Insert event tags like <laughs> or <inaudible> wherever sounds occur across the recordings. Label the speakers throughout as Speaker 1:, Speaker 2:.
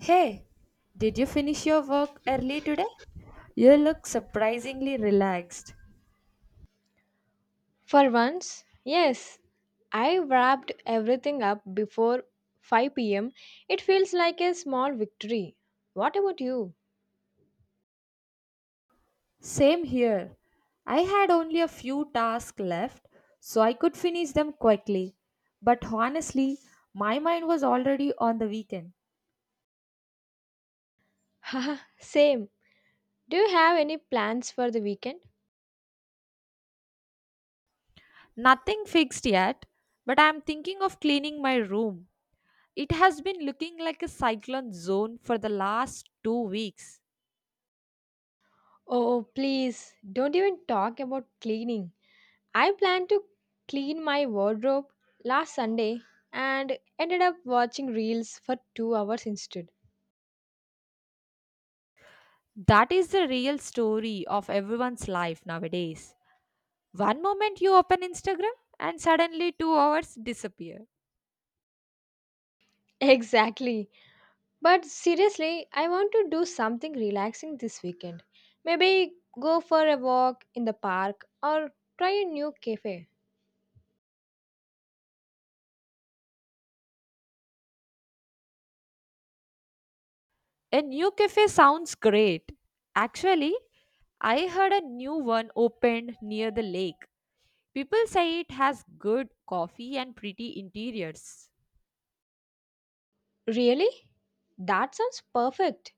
Speaker 1: Hey, did you finish your work early today? You look surprisingly relaxed.
Speaker 2: For once, yes, I wrapped everything up before 5 pm. It feels like a small victory. What about you?
Speaker 1: Same here. I had only a few tasks left, so I could finish them quickly. But honestly, my mind was already on the weekend.
Speaker 2: <laughs> Haha, same. Do you have any plans for the weekend?
Speaker 1: Nothing fixed yet, but I'm thinking of cleaning my room. It has been looking like a cyclone zone for the last 2 weeks.
Speaker 2: Oh, please, don't even talk about cleaning. I planned to clean my wardrobe last Sunday and ended up watching reels for 2 hours instead.
Speaker 1: That is the real story of everyone's life nowadays. One moment you open Instagram and suddenly 2 hours disappear.
Speaker 2: <laughs> Exactly. But seriously, I want to do something relaxing this weekend. Maybe go for a walk in the park or try a new cafe.
Speaker 1: A new cafe sounds great. Actually, I heard a new one opened near the lake. People say it has good coffee and pretty interiors.
Speaker 2: Really? That sounds perfect.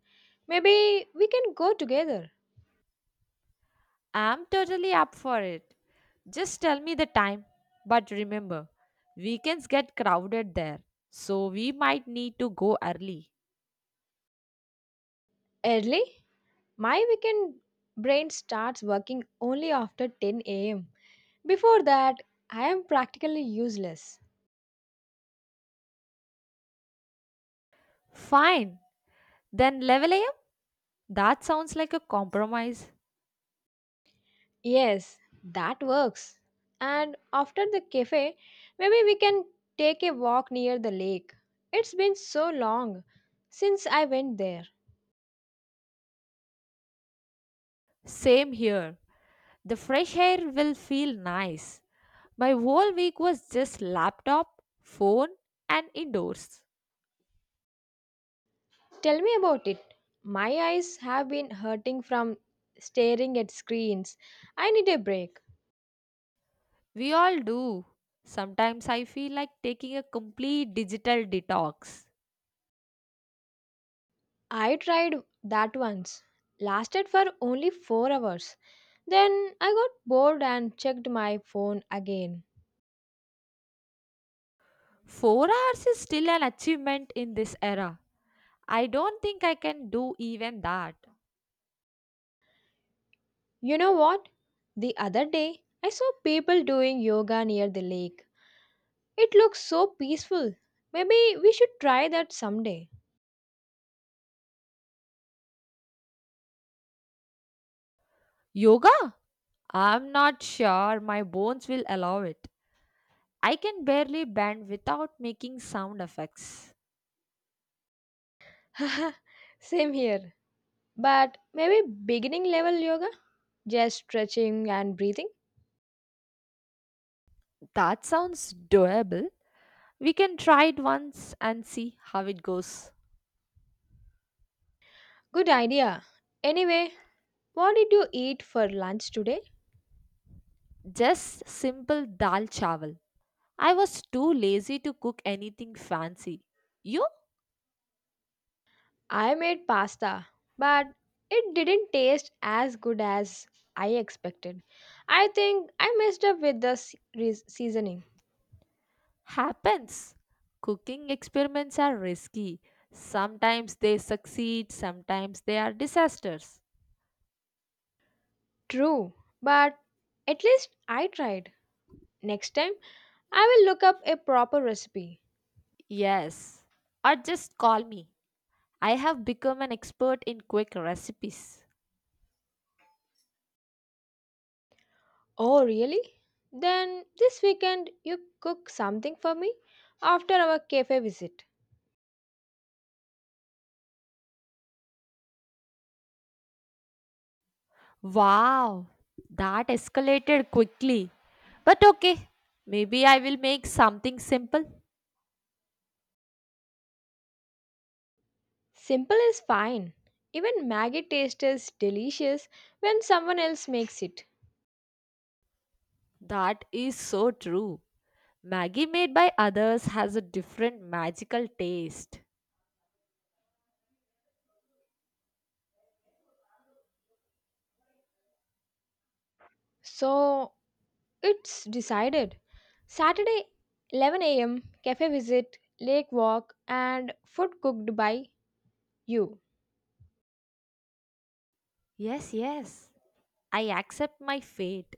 Speaker 2: Maybe we can go together.
Speaker 1: I'm totally up for it. Just tell me the time. But remember, weekends get crowded there, so we might need to go early.
Speaker 2: Early? My weekend brain starts working only after 10 am. Before that, I am practically useless.
Speaker 1: Fine, then 11 a.m.? That sounds like a compromise.
Speaker 2: Yes, that works. And after the cafe, maybe we can take a walk near the lake. It's been so long since I went there.
Speaker 1: Same here. The fresh air will feel nice. My whole week was just laptop, phone, and indoors.
Speaker 2: Tell me about it. My eyes have been hurting from staring at screens. I need a break.
Speaker 1: We all do. Sometimes I feel like taking a complete digital detox.
Speaker 2: I tried that once. Lasted for only 4 hours. Then I got bored and checked my phone again.
Speaker 1: 4 hours is still an achievement in this era. I don't think I can do even that.
Speaker 2: You know what? The other day, I saw people doing yoga near the lake. It looks so peaceful. Maybe we should try that someday.
Speaker 1: Yoga? I'm not sure my bones will allow it. I can barely bend without making sound effects.
Speaker 2: <laughs> Same here. But maybe beginning level yoga? Just stretching and breathing?
Speaker 1: That sounds doable. We can try it once and see how it goes.
Speaker 2: Good idea. Anyway, what did you eat for lunch today?
Speaker 1: Just simple dal chawal. I was too lazy to cook anything fancy. You?
Speaker 2: I made pasta, but it didn't taste as good as I expected. I think I messed up with the seasoning.
Speaker 1: Happens. Cooking experiments are risky. Sometimes they succeed, sometimes they are disasters.
Speaker 2: True, but at least I tried. Next time, I will look up a proper recipe.
Speaker 1: Yes. Or just call me. I have become an expert in quick recipes.
Speaker 2: Oh, really? Then this weekend you cook something for me after our cafe visit.
Speaker 1: Wow, that escalated quickly. But okay, maybe I will make something simple.
Speaker 2: Simple is fine. Even Maggie taste is delicious when someone else makes it.
Speaker 1: That is so true. Maggie made by others has a different magical taste.
Speaker 2: So it's decided. Saturday 11 a.m. cafe visit, lake walk, and food cooked by you.
Speaker 1: Yes, yes. I accept my fate.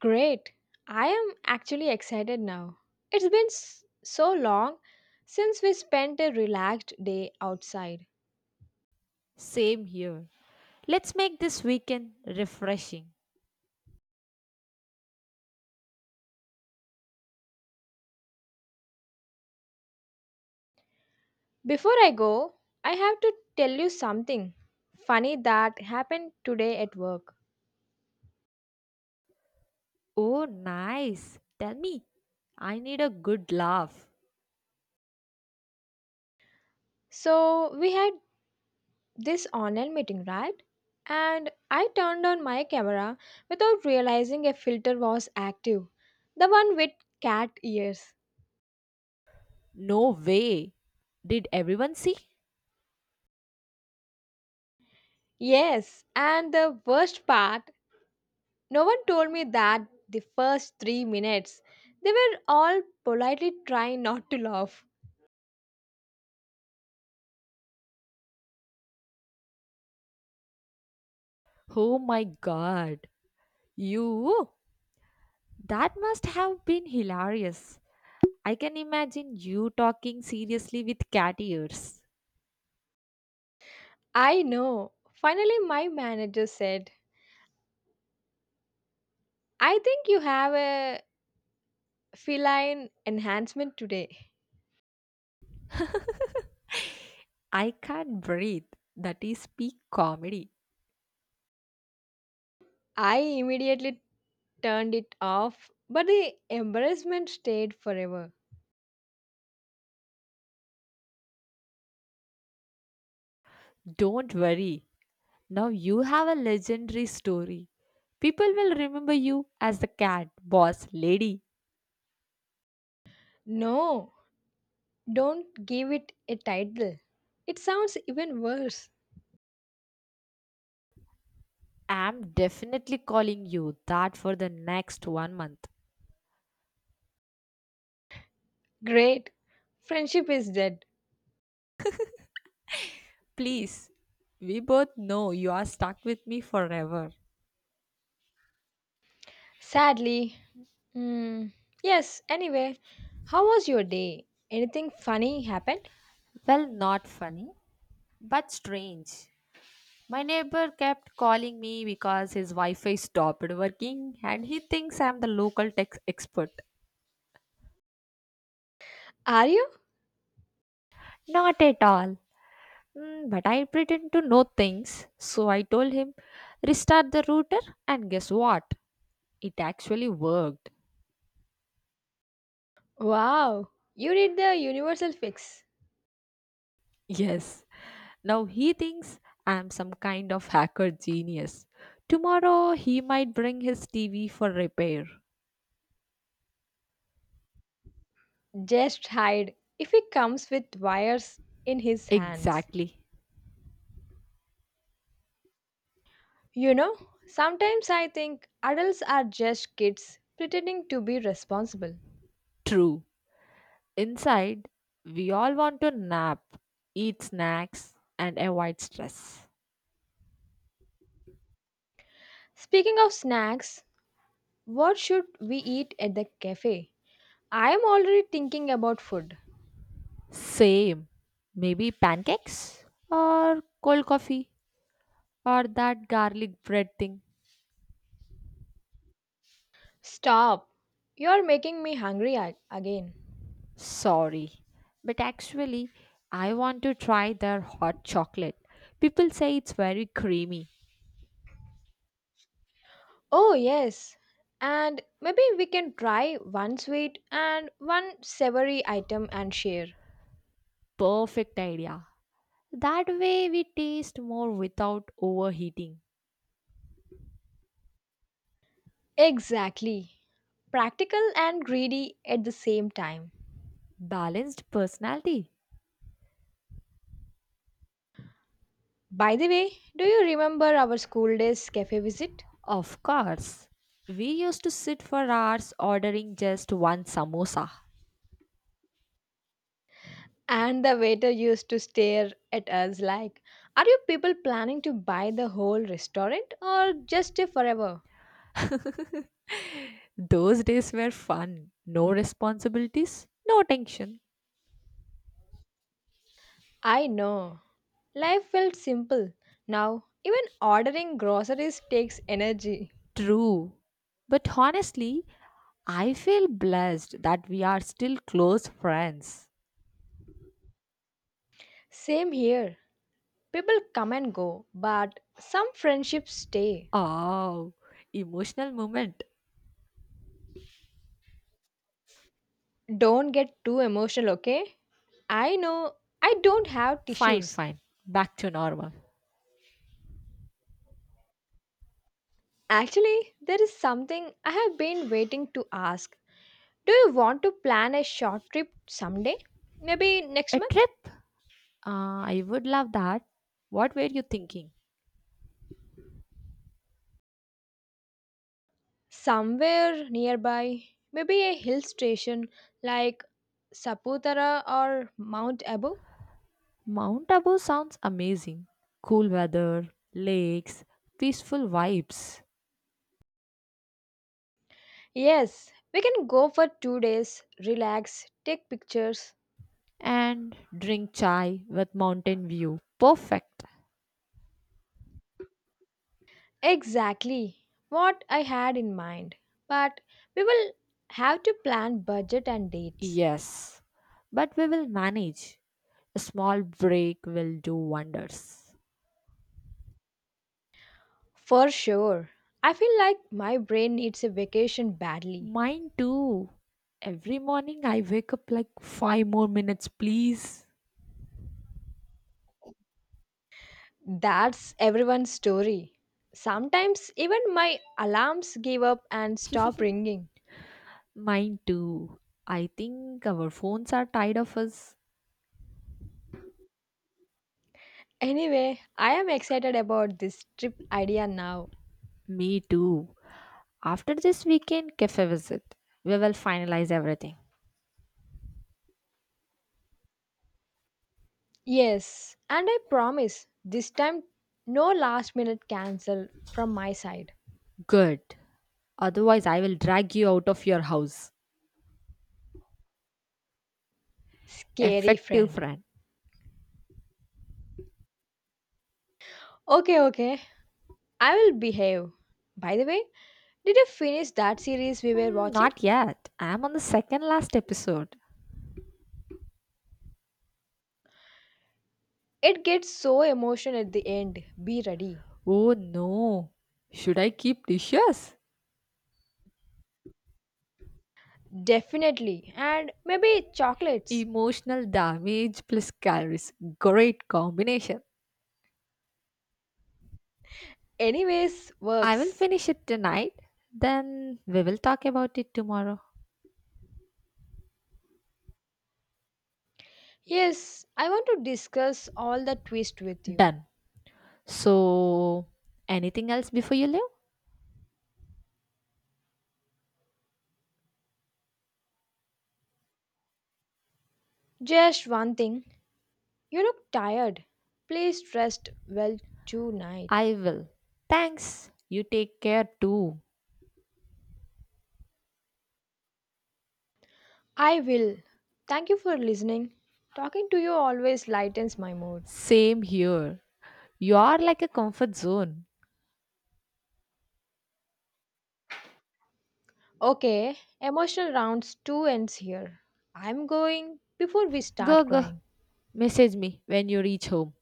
Speaker 2: Great! I am actually excited now. It's been so long since we spent a relaxed day outside.
Speaker 1: Same here. Let's make this weekend refreshing.
Speaker 2: Before I go, I have to tell you something funny that happened today at work.
Speaker 1: Oh, nice. Tell me, I need a good laugh.
Speaker 2: So, we had this online meeting, right? And I turned on my camera without realizing a filter was active, the one with cat ears.
Speaker 1: No way. Did everyone see?
Speaker 2: Yes, and the worst part, no one told me that the first 3 minutes. They were all politely trying not to laugh.
Speaker 1: Oh my god. You? That must have been hilarious. I can imagine you talking seriously with cat ears.
Speaker 2: I know. Finally, my manager said, I think you have a feline enhancement today.
Speaker 1: I can't breathe. That is peak comedy.
Speaker 2: I immediately turned it off, but the embarrassment stayed forever.
Speaker 1: Don't worry. Now you have a legendary story. People will remember you as the cat boss lady.
Speaker 2: No, don't give it a title. It sounds even worse.
Speaker 1: I'm definitely calling you that for the next 1 month.
Speaker 2: Great. Friendship is dead.
Speaker 1: Please, we both know you are stuck with me forever.
Speaker 2: Sadly. Hmm. Yes, anyway, how was your day? Anything funny happened?
Speaker 1: Well, not funny, but strange. My neighbor kept calling me because his Wi Fi stopped working and he thinks I'm the local tech expert.
Speaker 2: Are you?
Speaker 1: Not at all. But I pretend to know things. So I told him, restart the router, and guess what? It actually worked. <laughs>
Speaker 2: Wow, you did the universal fix.
Speaker 1: Yes, now he thinks I'm some kind of hacker genius. Tomorrow he might bring his TV for repair.
Speaker 2: Just hide if he comes with wires in his hands.
Speaker 1: Exactly.
Speaker 2: You know, sometimes I think adults are just kids pretending to be responsible.
Speaker 1: True. Inside, we all want to nap, eat snacks, and avoid stress.
Speaker 2: Speaking of snacks, what should we eat at the cafe? I am already thinking about food.
Speaker 1: Same. Maybe pancakes or cold coffee or that garlic bread thing.
Speaker 2: Stop. You are making me hungry again.
Speaker 1: Sorry, but actually, I want to try their hot chocolate. People say it's very creamy.
Speaker 2: Oh, yes. And maybe we can try one sweet and one savory item and share.
Speaker 1: Perfect idea. That way, we taste more without overheating.
Speaker 2: Exactly. Practical and greedy at the same time.
Speaker 1: Balanced personality.
Speaker 2: By the way, do you remember our school days cafe visit?
Speaker 1: Of course. We used to sit for hours ordering just one samosa.
Speaker 2: And the waiter used to stare at us like, are you people planning to buy the whole restaurant or just stay forever?
Speaker 1: Those days were fun. No responsibilities, no tension.
Speaker 2: I know. Life felt simple. Now, even ordering groceries takes energy.
Speaker 1: True. But honestly, I feel blessed that we are still close friends.
Speaker 2: Same here. People come and go, but some friendships stay.
Speaker 1: Oh, emotional moment.
Speaker 2: Don't get too emotional, okay? I know I don't have
Speaker 1: Fine,
Speaker 2: tissues.
Speaker 1: fine. Back to normal.
Speaker 2: Actually, there is something I have been waiting to ask. Do you want to plan a short trip someday? Maybe next
Speaker 1: A
Speaker 2: month?
Speaker 1: trip? I would love that. What were you thinking?
Speaker 2: Somewhere nearby. Maybe a hill station like Saputara or Mount Abu?
Speaker 1: Mount Abu sounds amazing. Cool weather, lakes, peaceful vibes,
Speaker 2: Yes, we can go for 2 days, relax, take pictures.
Speaker 1: and drink chai with mountain view. Perfect.
Speaker 2: Exactly what I had in mind. But we will have to plan budget and dates.
Speaker 1: Yes, but we will manage. A small break will do wonders.
Speaker 2: For sure. I feel like my brain needs a vacation badly.
Speaker 1: Mine too. Every morning I wake up like 5 more minutes, please.
Speaker 2: That's everyone's story. Sometimes even my alarms give up and stop ringing.
Speaker 1: Mine too. I think our phones are tired of us.
Speaker 2: Anyway, I am excited about this trip idea now.
Speaker 1: Me too. After this weekend cafe visit, we will finalize everything.
Speaker 2: Yes, and I promise this time no last minute cancel from my side.
Speaker 1: Good. Otherwise, I will drag you out of your house.
Speaker 2: Scary
Speaker 1: Effective
Speaker 2: friend.
Speaker 1: friend.
Speaker 2: Okay, okay. I will behave. By the way, did you finish that series we were
Speaker 1: Hmm,
Speaker 2: watching?
Speaker 1: not yet. I am on the second last episode.
Speaker 2: It gets so emotional at the end. Be ready.
Speaker 1: Oh no. Should I keep dishes?
Speaker 2: Definitely. And maybe chocolates.
Speaker 1: Emotional damage plus calories. Great combination.
Speaker 2: Anyways,
Speaker 1: I will
Speaker 2: works.
Speaker 1: finish it tonight. Then we will talk about it tomorrow.
Speaker 2: Yes, I want to discuss all the twist with you.
Speaker 1: Done. So, anything else before you leave?
Speaker 2: Just one thing. You look tired. Please rest well tonight.
Speaker 1: I will. Thanks. You take care too.
Speaker 2: I will. Thank you for listening. Talking to you always lightens my mood.
Speaker 1: Same here. You are like a comfort zone.
Speaker 2: Okay, emotional rounds two ends here. I'm going before we
Speaker 1: Go,
Speaker 2: start
Speaker 1: go.
Speaker 2: crying.
Speaker 1: Message me when you reach home.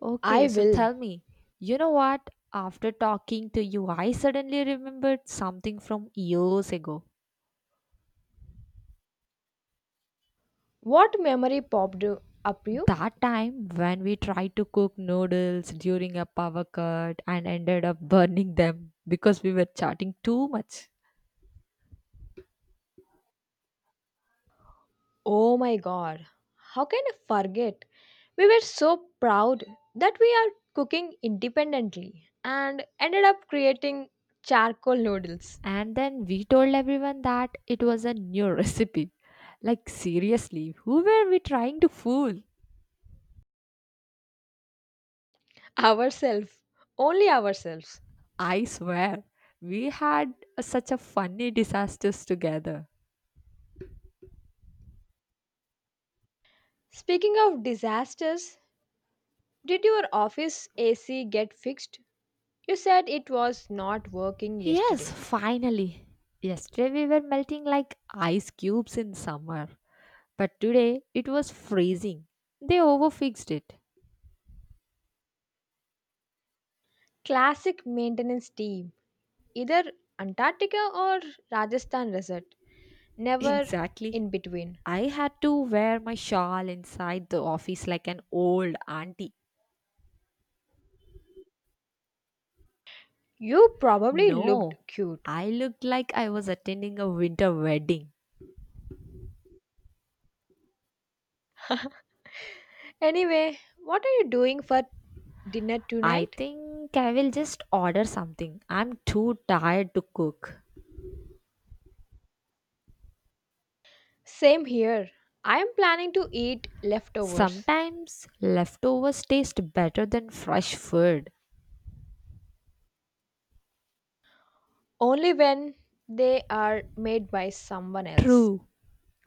Speaker 1: Okay,
Speaker 2: I
Speaker 1: so
Speaker 2: will.
Speaker 1: tell me, you know what? After talking to you, I suddenly remembered something from years ago.
Speaker 2: What memory popped you- up you?
Speaker 1: That time when we tried to cook noodles during a power cut and ended up burning them because we were chatting too much.
Speaker 2: Oh my god. How can I forget? We were so proud that we are cooking independently and ended up creating charcoal noodles
Speaker 1: And then we told everyone that it was a new <laughs> recipe. Like, seriously, who were we trying to fool?
Speaker 2: ourselves, only ourselves.
Speaker 1: I swear, we had such a funny disasters together.
Speaker 2: Speaking of disasters, did your office AC get fixed? You said it was not working
Speaker 1: Yes,
Speaker 2: yesterday.
Speaker 1: finally. Yesterday we were melting like ice cubes in summer, but today it was freezing. They overfixed it.
Speaker 2: Classic maintenance team, either Antarctica or Rajasthan resort, never
Speaker 1: Exactly.
Speaker 2: in between.
Speaker 1: I had to wear my shawl inside the office like an old auntie.
Speaker 2: You probably looked
Speaker 1: No,
Speaker 2: cute.
Speaker 1: I looked like I was attending a winter wedding.
Speaker 2: Anyway, what are you doing for dinner
Speaker 1: I
Speaker 2: tonight?
Speaker 1: think I will just order something. I'm too tired to cook.
Speaker 2: Same here. I am planning to eat leftovers.
Speaker 1: Sometimes leftovers taste better than fresh food.
Speaker 2: Only when they are made by someone else.
Speaker 1: True.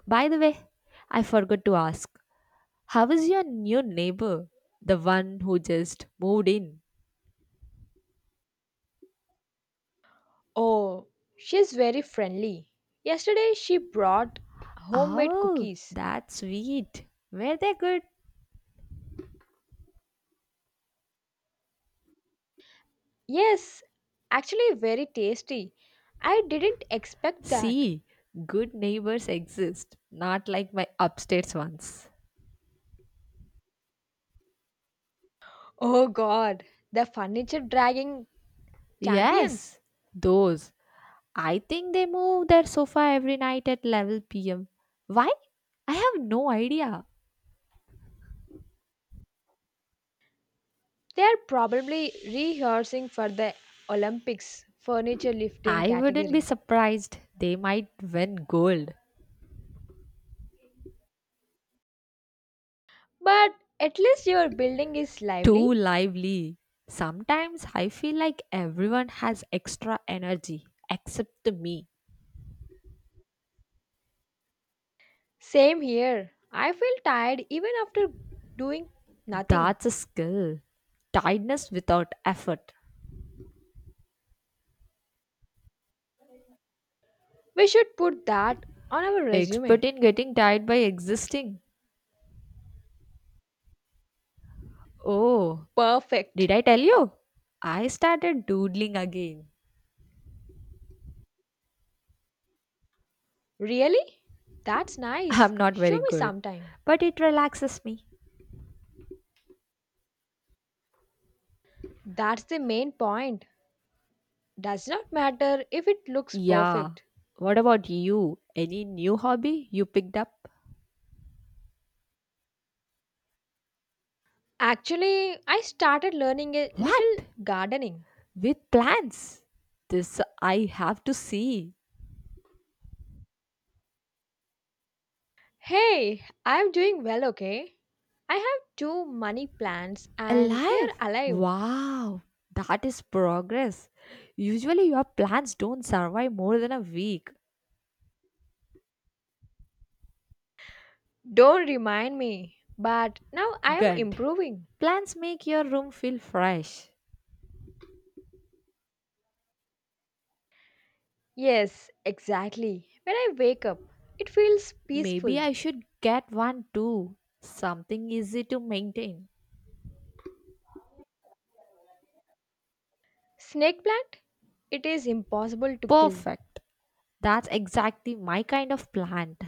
Speaker 1: By the way, I forgot to ask, how is your new neighbor? The one who just moved in.
Speaker 2: Oh, she's very friendly. Yesterday she brought homemade
Speaker 1: Oh,
Speaker 2: cookies.
Speaker 1: that's sweet. Were they good?
Speaker 2: Yes, actually very tasty. I didn't expect that.
Speaker 1: See, good neighbors exist, not like my upstairs ones.
Speaker 2: Oh god, the furniture dragging champions.
Speaker 1: Yes, those. I think they move their sofa every night at 11 pm. Why? I have no idea.
Speaker 2: They are probably rehearsing for the Olympics furniture lifting
Speaker 1: I wouldn't be
Speaker 2: category.
Speaker 1: surprised. They might win gold.
Speaker 2: But at least your building is
Speaker 1: Too
Speaker 2: lively.
Speaker 1: lively. Sometimes I feel like everyone has extra energy except me.
Speaker 2: Same here. I feel tired even after doing nothing.
Speaker 1: That's a skill. Tiredness without effort.
Speaker 2: We should put that on our resume.
Speaker 1: Expert in getting tired by existing. Oh, did
Speaker 2: Perfect.
Speaker 1: I tell you? I started doodling again.
Speaker 2: Really? That's nice.
Speaker 1: I'm not
Speaker 2: Show
Speaker 1: very
Speaker 2: me
Speaker 1: good,
Speaker 2: sometime.
Speaker 1: but it relaxes me.
Speaker 2: That's the main point. Does not matter if it looks
Speaker 1: Yeah.
Speaker 2: perfect.
Speaker 1: What about you? Any new hobby you picked up?
Speaker 2: Actually, I started learning a little
Speaker 1: What?
Speaker 2: gardening.
Speaker 1: With plants? This I have to see.
Speaker 2: Hey, I'm doing well, okay? I have two money plants and they're
Speaker 1: Alive?
Speaker 2: alive.
Speaker 1: Wow. That is progress. Usually, your plants don't survive more than a week.
Speaker 2: Don't remind me, but now I am
Speaker 1: Good.
Speaker 2: improving.
Speaker 1: Plants make your room feel fresh.
Speaker 2: Yes, exactly. When I wake up, it feels peaceful.
Speaker 1: Maybe I should get one too. Something easy to maintain.
Speaker 2: Snake plant? It is impossible to kill.
Speaker 1: Perfect. That's exactly my kind of plant.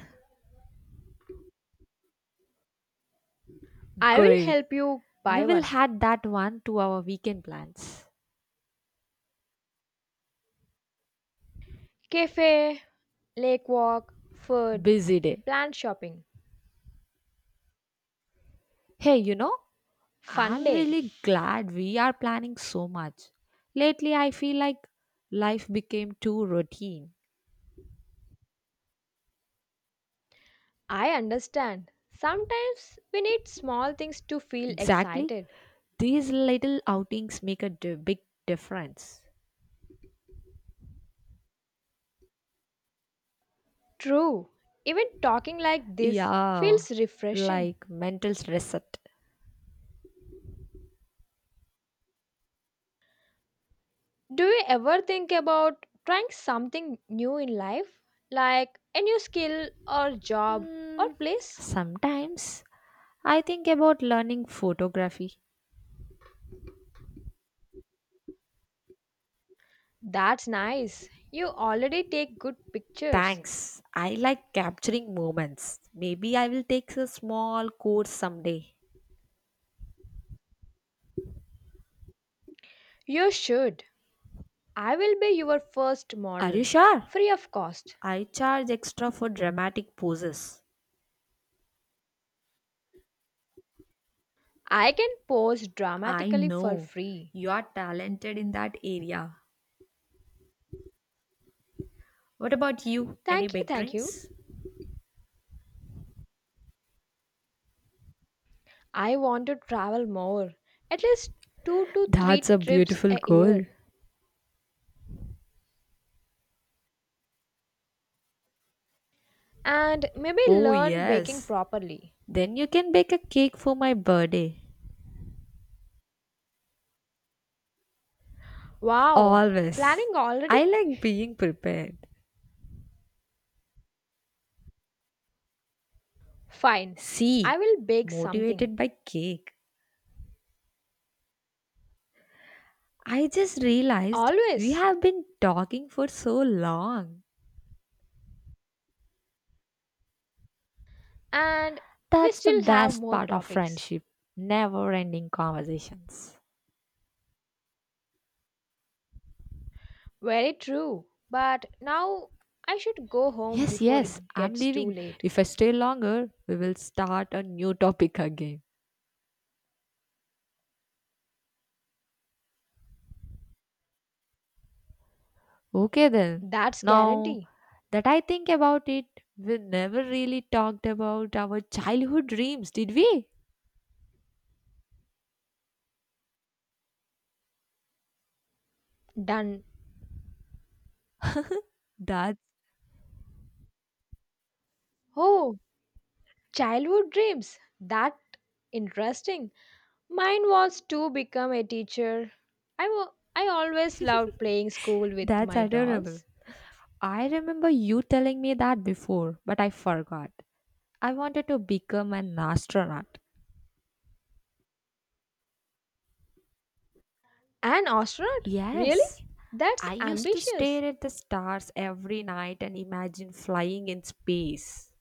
Speaker 2: I will
Speaker 1: Great.
Speaker 2: help you
Speaker 1: We
Speaker 2: buy
Speaker 1: will
Speaker 2: one.
Speaker 1: add that one to our weekend plans.
Speaker 2: Cafe, lake walk, food,
Speaker 1: Busy day.
Speaker 2: plant shopping.
Speaker 1: Hey, you know,
Speaker 2: Fun
Speaker 1: I'm
Speaker 2: day.
Speaker 1: really glad we are planning so much. Lately, I feel like life became too routine.
Speaker 2: I understand. Sometimes we need small things to feel
Speaker 1: Exactly.
Speaker 2: excited.
Speaker 1: These little outings make a big difference.
Speaker 2: True, even talking like this
Speaker 1: Yeah,
Speaker 2: feels refreshing.
Speaker 1: like mental reset.
Speaker 2: Do you ever think about trying something new in life, like a new skill or job or
Speaker 1: Hmm,
Speaker 2: place?
Speaker 1: sometimes I think about learning photography.
Speaker 2: That's nice. You already take good pictures.
Speaker 1: Thanks. I like capturing moments. Maybe I will take a small course someday.
Speaker 2: You should. I will be your first
Speaker 1: Are you
Speaker 2: model,
Speaker 1: sure?
Speaker 2: free of cost.
Speaker 1: I charge extra for dramatic poses.
Speaker 2: I can pose
Speaker 1: I
Speaker 2: dramatically for
Speaker 1: know.
Speaker 2: free.
Speaker 1: You are talented in that area. What about you? Any
Speaker 2: Thank you,
Speaker 1: big
Speaker 2: thank you.
Speaker 1: dreams?
Speaker 2: I want to travel more, at least two to
Speaker 1: That's
Speaker 2: three
Speaker 1: a
Speaker 2: trips
Speaker 1: beautiful
Speaker 2: a
Speaker 1: goal.
Speaker 2: year, and maybe
Speaker 1: Oh,
Speaker 2: learn baking
Speaker 1: yes.
Speaker 2: properly.
Speaker 1: Then you can bake a cake for my birthday.
Speaker 2: Wow,
Speaker 1: Always.
Speaker 2: planning already?
Speaker 1: I like being prepared.
Speaker 2: Fine, I
Speaker 1: See,
Speaker 2: will bake something.
Speaker 1: motivated by cake. I just realized we
Speaker 2: Always.
Speaker 1: have been talking for so long.
Speaker 2: And we
Speaker 1: That's the
Speaker 2: still have
Speaker 1: best
Speaker 2: more
Speaker 1: part of
Speaker 2: topics.
Speaker 1: friendship, never ending conversations.
Speaker 2: Very true. But now I should go home
Speaker 1: Yes,
Speaker 2: before
Speaker 1: yes,
Speaker 2: it
Speaker 1: I'm
Speaker 2: gets too
Speaker 1: leaving.
Speaker 2: late.
Speaker 1: If I stay longer, we will start a new topic again. Okay, then.
Speaker 2: That's
Speaker 1: Now
Speaker 2: guarantee.
Speaker 1: that I think about it, we never really talked about our childhood dreams, did we?
Speaker 2: Done.
Speaker 1: That's
Speaker 2: Oh, childhood dreams. That interesting. Mine was to become a teacher. I always loved playing school with
Speaker 1: that's
Speaker 2: my
Speaker 1: adorable.
Speaker 2: dolls.
Speaker 1: I remember you telling me that before, but I forgot. I wanted to become an astronaut.
Speaker 2: An astronaut?
Speaker 1: Yes,
Speaker 2: Really? That's
Speaker 1: I used to
Speaker 2: ambitious.
Speaker 1: stare at the stars every night and imagine flying in space.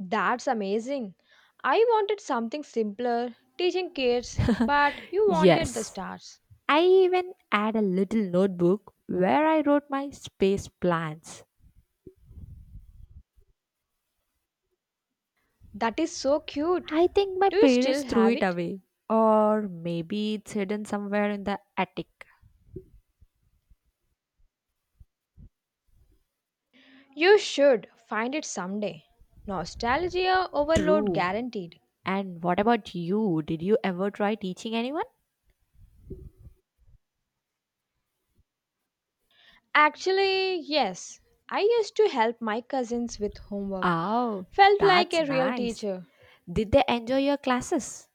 Speaker 2: That's amazing. I wanted something simpler, teaching kids, but you wanted the
Speaker 1: Yes,
Speaker 2: stars.
Speaker 1: I even had a little notebook where I wrote my space plans.
Speaker 2: That is so cute.
Speaker 1: I think my
Speaker 2: Do you still
Speaker 1: parents threw
Speaker 2: have
Speaker 1: it
Speaker 2: it?
Speaker 1: away, or maybe it's hidden somewhere in the attic.
Speaker 2: You should find it someday. Nostalgia overload
Speaker 1: True.
Speaker 2: guaranteed.
Speaker 1: And what about you? Did you ever try teaching anyone?
Speaker 2: Actually, yes. I used to help my cousins with homework.
Speaker 1: Oh,
Speaker 2: Felt like
Speaker 1: that's
Speaker 2: a real
Speaker 1: nice.
Speaker 2: teacher.
Speaker 1: Did they enjoy your classes?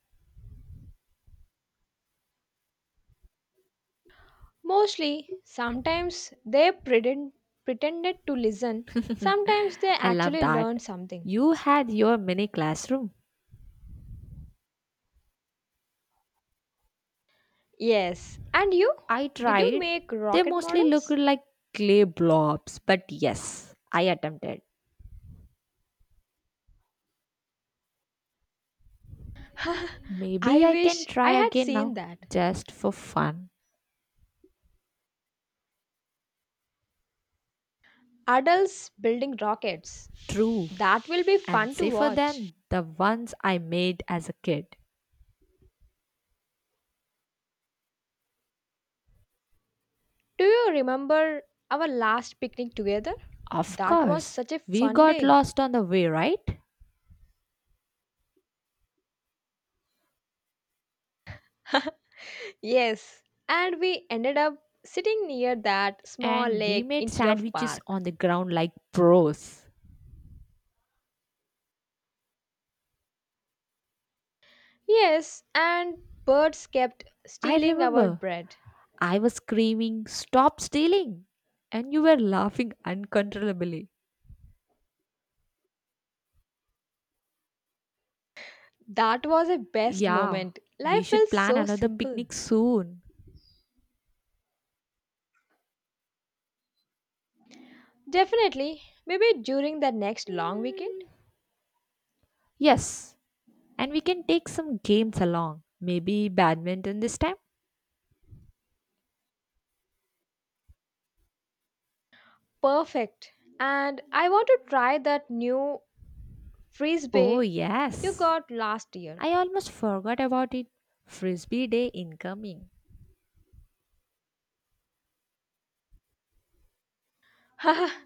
Speaker 2: Mostly, sometimes they pretended to listen, sometimes they
Speaker 1: I love
Speaker 2: actually learned
Speaker 1: that.
Speaker 2: something.
Speaker 1: You had your mini classroom.
Speaker 2: Yes, and you?
Speaker 1: I
Speaker 2: Did you
Speaker 1: tried.
Speaker 2: make
Speaker 1: They
Speaker 2: rocket
Speaker 1: mostly looked
Speaker 2: models?
Speaker 1: like clay blobs, but yes, I attempted.
Speaker 2: <laughs>
Speaker 1: Maybe
Speaker 2: I
Speaker 1: I can
Speaker 2: wish I
Speaker 1: try
Speaker 2: had
Speaker 1: again
Speaker 2: seen
Speaker 1: now,
Speaker 2: that.
Speaker 1: just for fun.
Speaker 2: Adults building rockets.
Speaker 1: True.
Speaker 2: That will be
Speaker 1: And
Speaker 2: fun to
Speaker 1: safer
Speaker 2: watch.
Speaker 1: than the ones I made as a kid.
Speaker 2: Do you remember our last picnic together?
Speaker 1: Of
Speaker 2: That was
Speaker 1: course,
Speaker 2: such a
Speaker 1: we
Speaker 2: fun
Speaker 1: got
Speaker 2: day.
Speaker 1: lost on the way, right?
Speaker 2: <laughs> Yes, and we ended up sitting near that small
Speaker 1: And we
Speaker 2: lake
Speaker 1: made
Speaker 2: instead of
Speaker 1: sandwiches
Speaker 2: park.
Speaker 1: on the ground like pros.
Speaker 2: Yes, and birds kept
Speaker 1: I
Speaker 2: stealing our
Speaker 1: remember
Speaker 2: bread.
Speaker 1: I was screaming, "Stop stealing!" And you were laughing uncontrollably.
Speaker 2: That was a best
Speaker 1: Yeah,
Speaker 2: moment. Life
Speaker 1: we
Speaker 2: felt
Speaker 1: should plan
Speaker 2: so
Speaker 1: another
Speaker 2: simple.
Speaker 1: picnic soon.
Speaker 2: Definitely, maybe during the next long weekend.
Speaker 1: Yes, and we can take some games along. Maybe badminton this time?
Speaker 2: Perfect. And I want to try that new
Speaker 1: Oh,
Speaker 2: frisbee you
Speaker 1: yes.
Speaker 2: got last year.
Speaker 1: I almost forgot about it. Frisbee Day incoming.
Speaker 2: <laughs>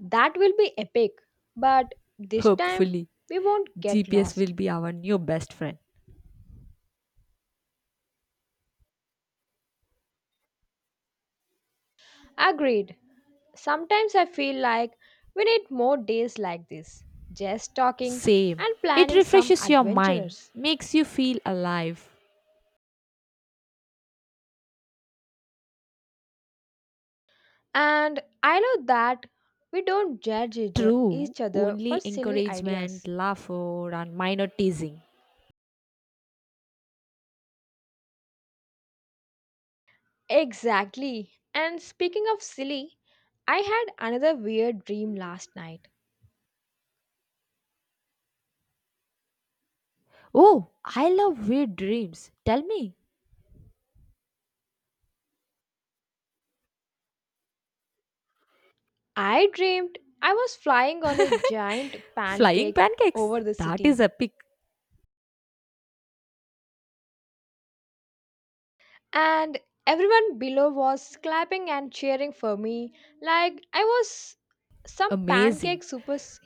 Speaker 2: That will be epic. But this time,
Speaker 1: Hopefully,
Speaker 2: we won't get
Speaker 1: GPS
Speaker 2: lost.
Speaker 1: will be our new best friend.
Speaker 2: Agreed. Sometimes I feel like we need more days like this, just talking
Speaker 1: Same.
Speaker 2: and
Speaker 1: It
Speaker 2: planning some
Speaker 1: refreshes your mind,
Speaker 2: adventures.
Speaker 1: makes you feel alive.
Speaker 2: And I love that we don't judge each
Speaker 1: True.
Speaker 2: each other for
Speaker 1: Only
Speaker 2: silly
Speaker 1: encouragement,
Speaker 2: ideas.
Speaker 1: laughter, and minor teasing.
Speaker 2: Exactly. And speaking of silly, I had another weird dream last night.
Speaker 1: Oh, I love weird dreams. Tell me.
Speaker 2: I dreamed I was flying on a giant
Speaker 1: Flying
Speaker 2: pancake
Speaker 1: pancakes!
Speaker 2: over the
Speaker 1: That
Speaker 2: city,
Speaker 1: is epic.
Speaker 2: and everyone below was clapping and cheering for me like I was some
Speaker 1: Amazing.
Speaker 2: pancake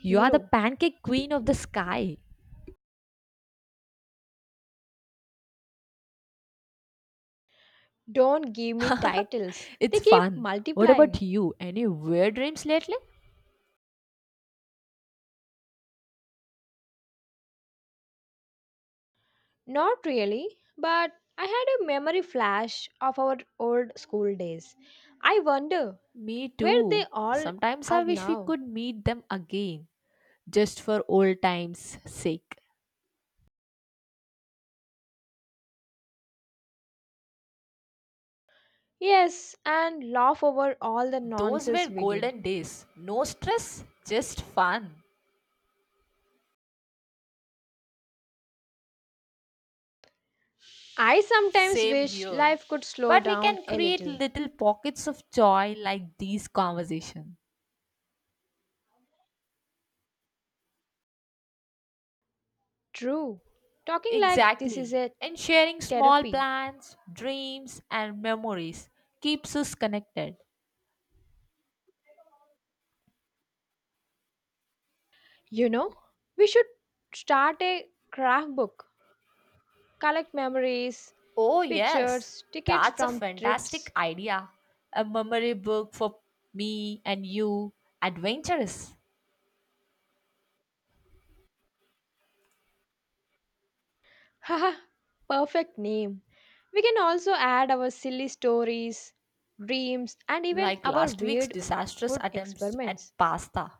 Speaker 1: You are the pancake queen of the sky.
Speaker 2: Don't give me
Speaker 1: <laughs>
Speaker 2: titles, they
Speaker 1: It's
Speaker 2: keep
Speaker 1: fun. What
Speaker 2: multiplying.
Speaker 1: about you? Any weird dreams lately?
Speaker 2: Not really, but I had a memory flash of our old school days. I wonder
Speaker 1: Me
Speaker 2: where they
Speaker 1: too.
Speaker 2: all
Speaker 1: Sometimes
Speaker 2: are
Speaker 1: I wish we
Speaker 2: now.
Speaker 1: could meet them again, just for old times' sake.
Speaker 2: Yes, and laugh over all the
Speaker 1: Those
Speaker 2: nonsense
Speaker 1: were
Speaker 2: we did.
Speaker 1: golden days. No stress, just fun.
Speaker 2: I sometimes
Speaker 1: Same
Speaker 2: wish
Speaker 1: here.
Speaker 2: life could slow
Speaker 1: But we
Speaker 2: down
Speaker 1: can
Speaker 2: a
Speaker 1: create
Speaker 2: little.
Speaker 1: little pockets of joy like these conversations.
Speaker 2: True. Talking like this is
Speaker 1: Exactly.
Speaker 2: a
Speaker 1: And sharing small
Speaker 2: therapy.
Speaker 1: plans, dreams, and memories keeps us connected.
Speaker 2: You know, we should start a craft book, collect memories,
Speaker 1: Oh, yes,
Speaker 2: pictures, tickets
Speaker 1: that's a
Speaker 2: from trips.
Speaker 1: fantastic idea. A memory book for me and you, adventurous,
Speaker 2: <laughs> Haha, perfect name. We can also add our silly stories, dreams, and even
Speaker 1: like
Speaker 2: our
Speaker 1: last week's
Speaker 2: weird
Speaker 1: disastrous
Speaker 2: food
Speaker 1: attempts
Speaker 2: experiments.
Speaker 1: at pasta.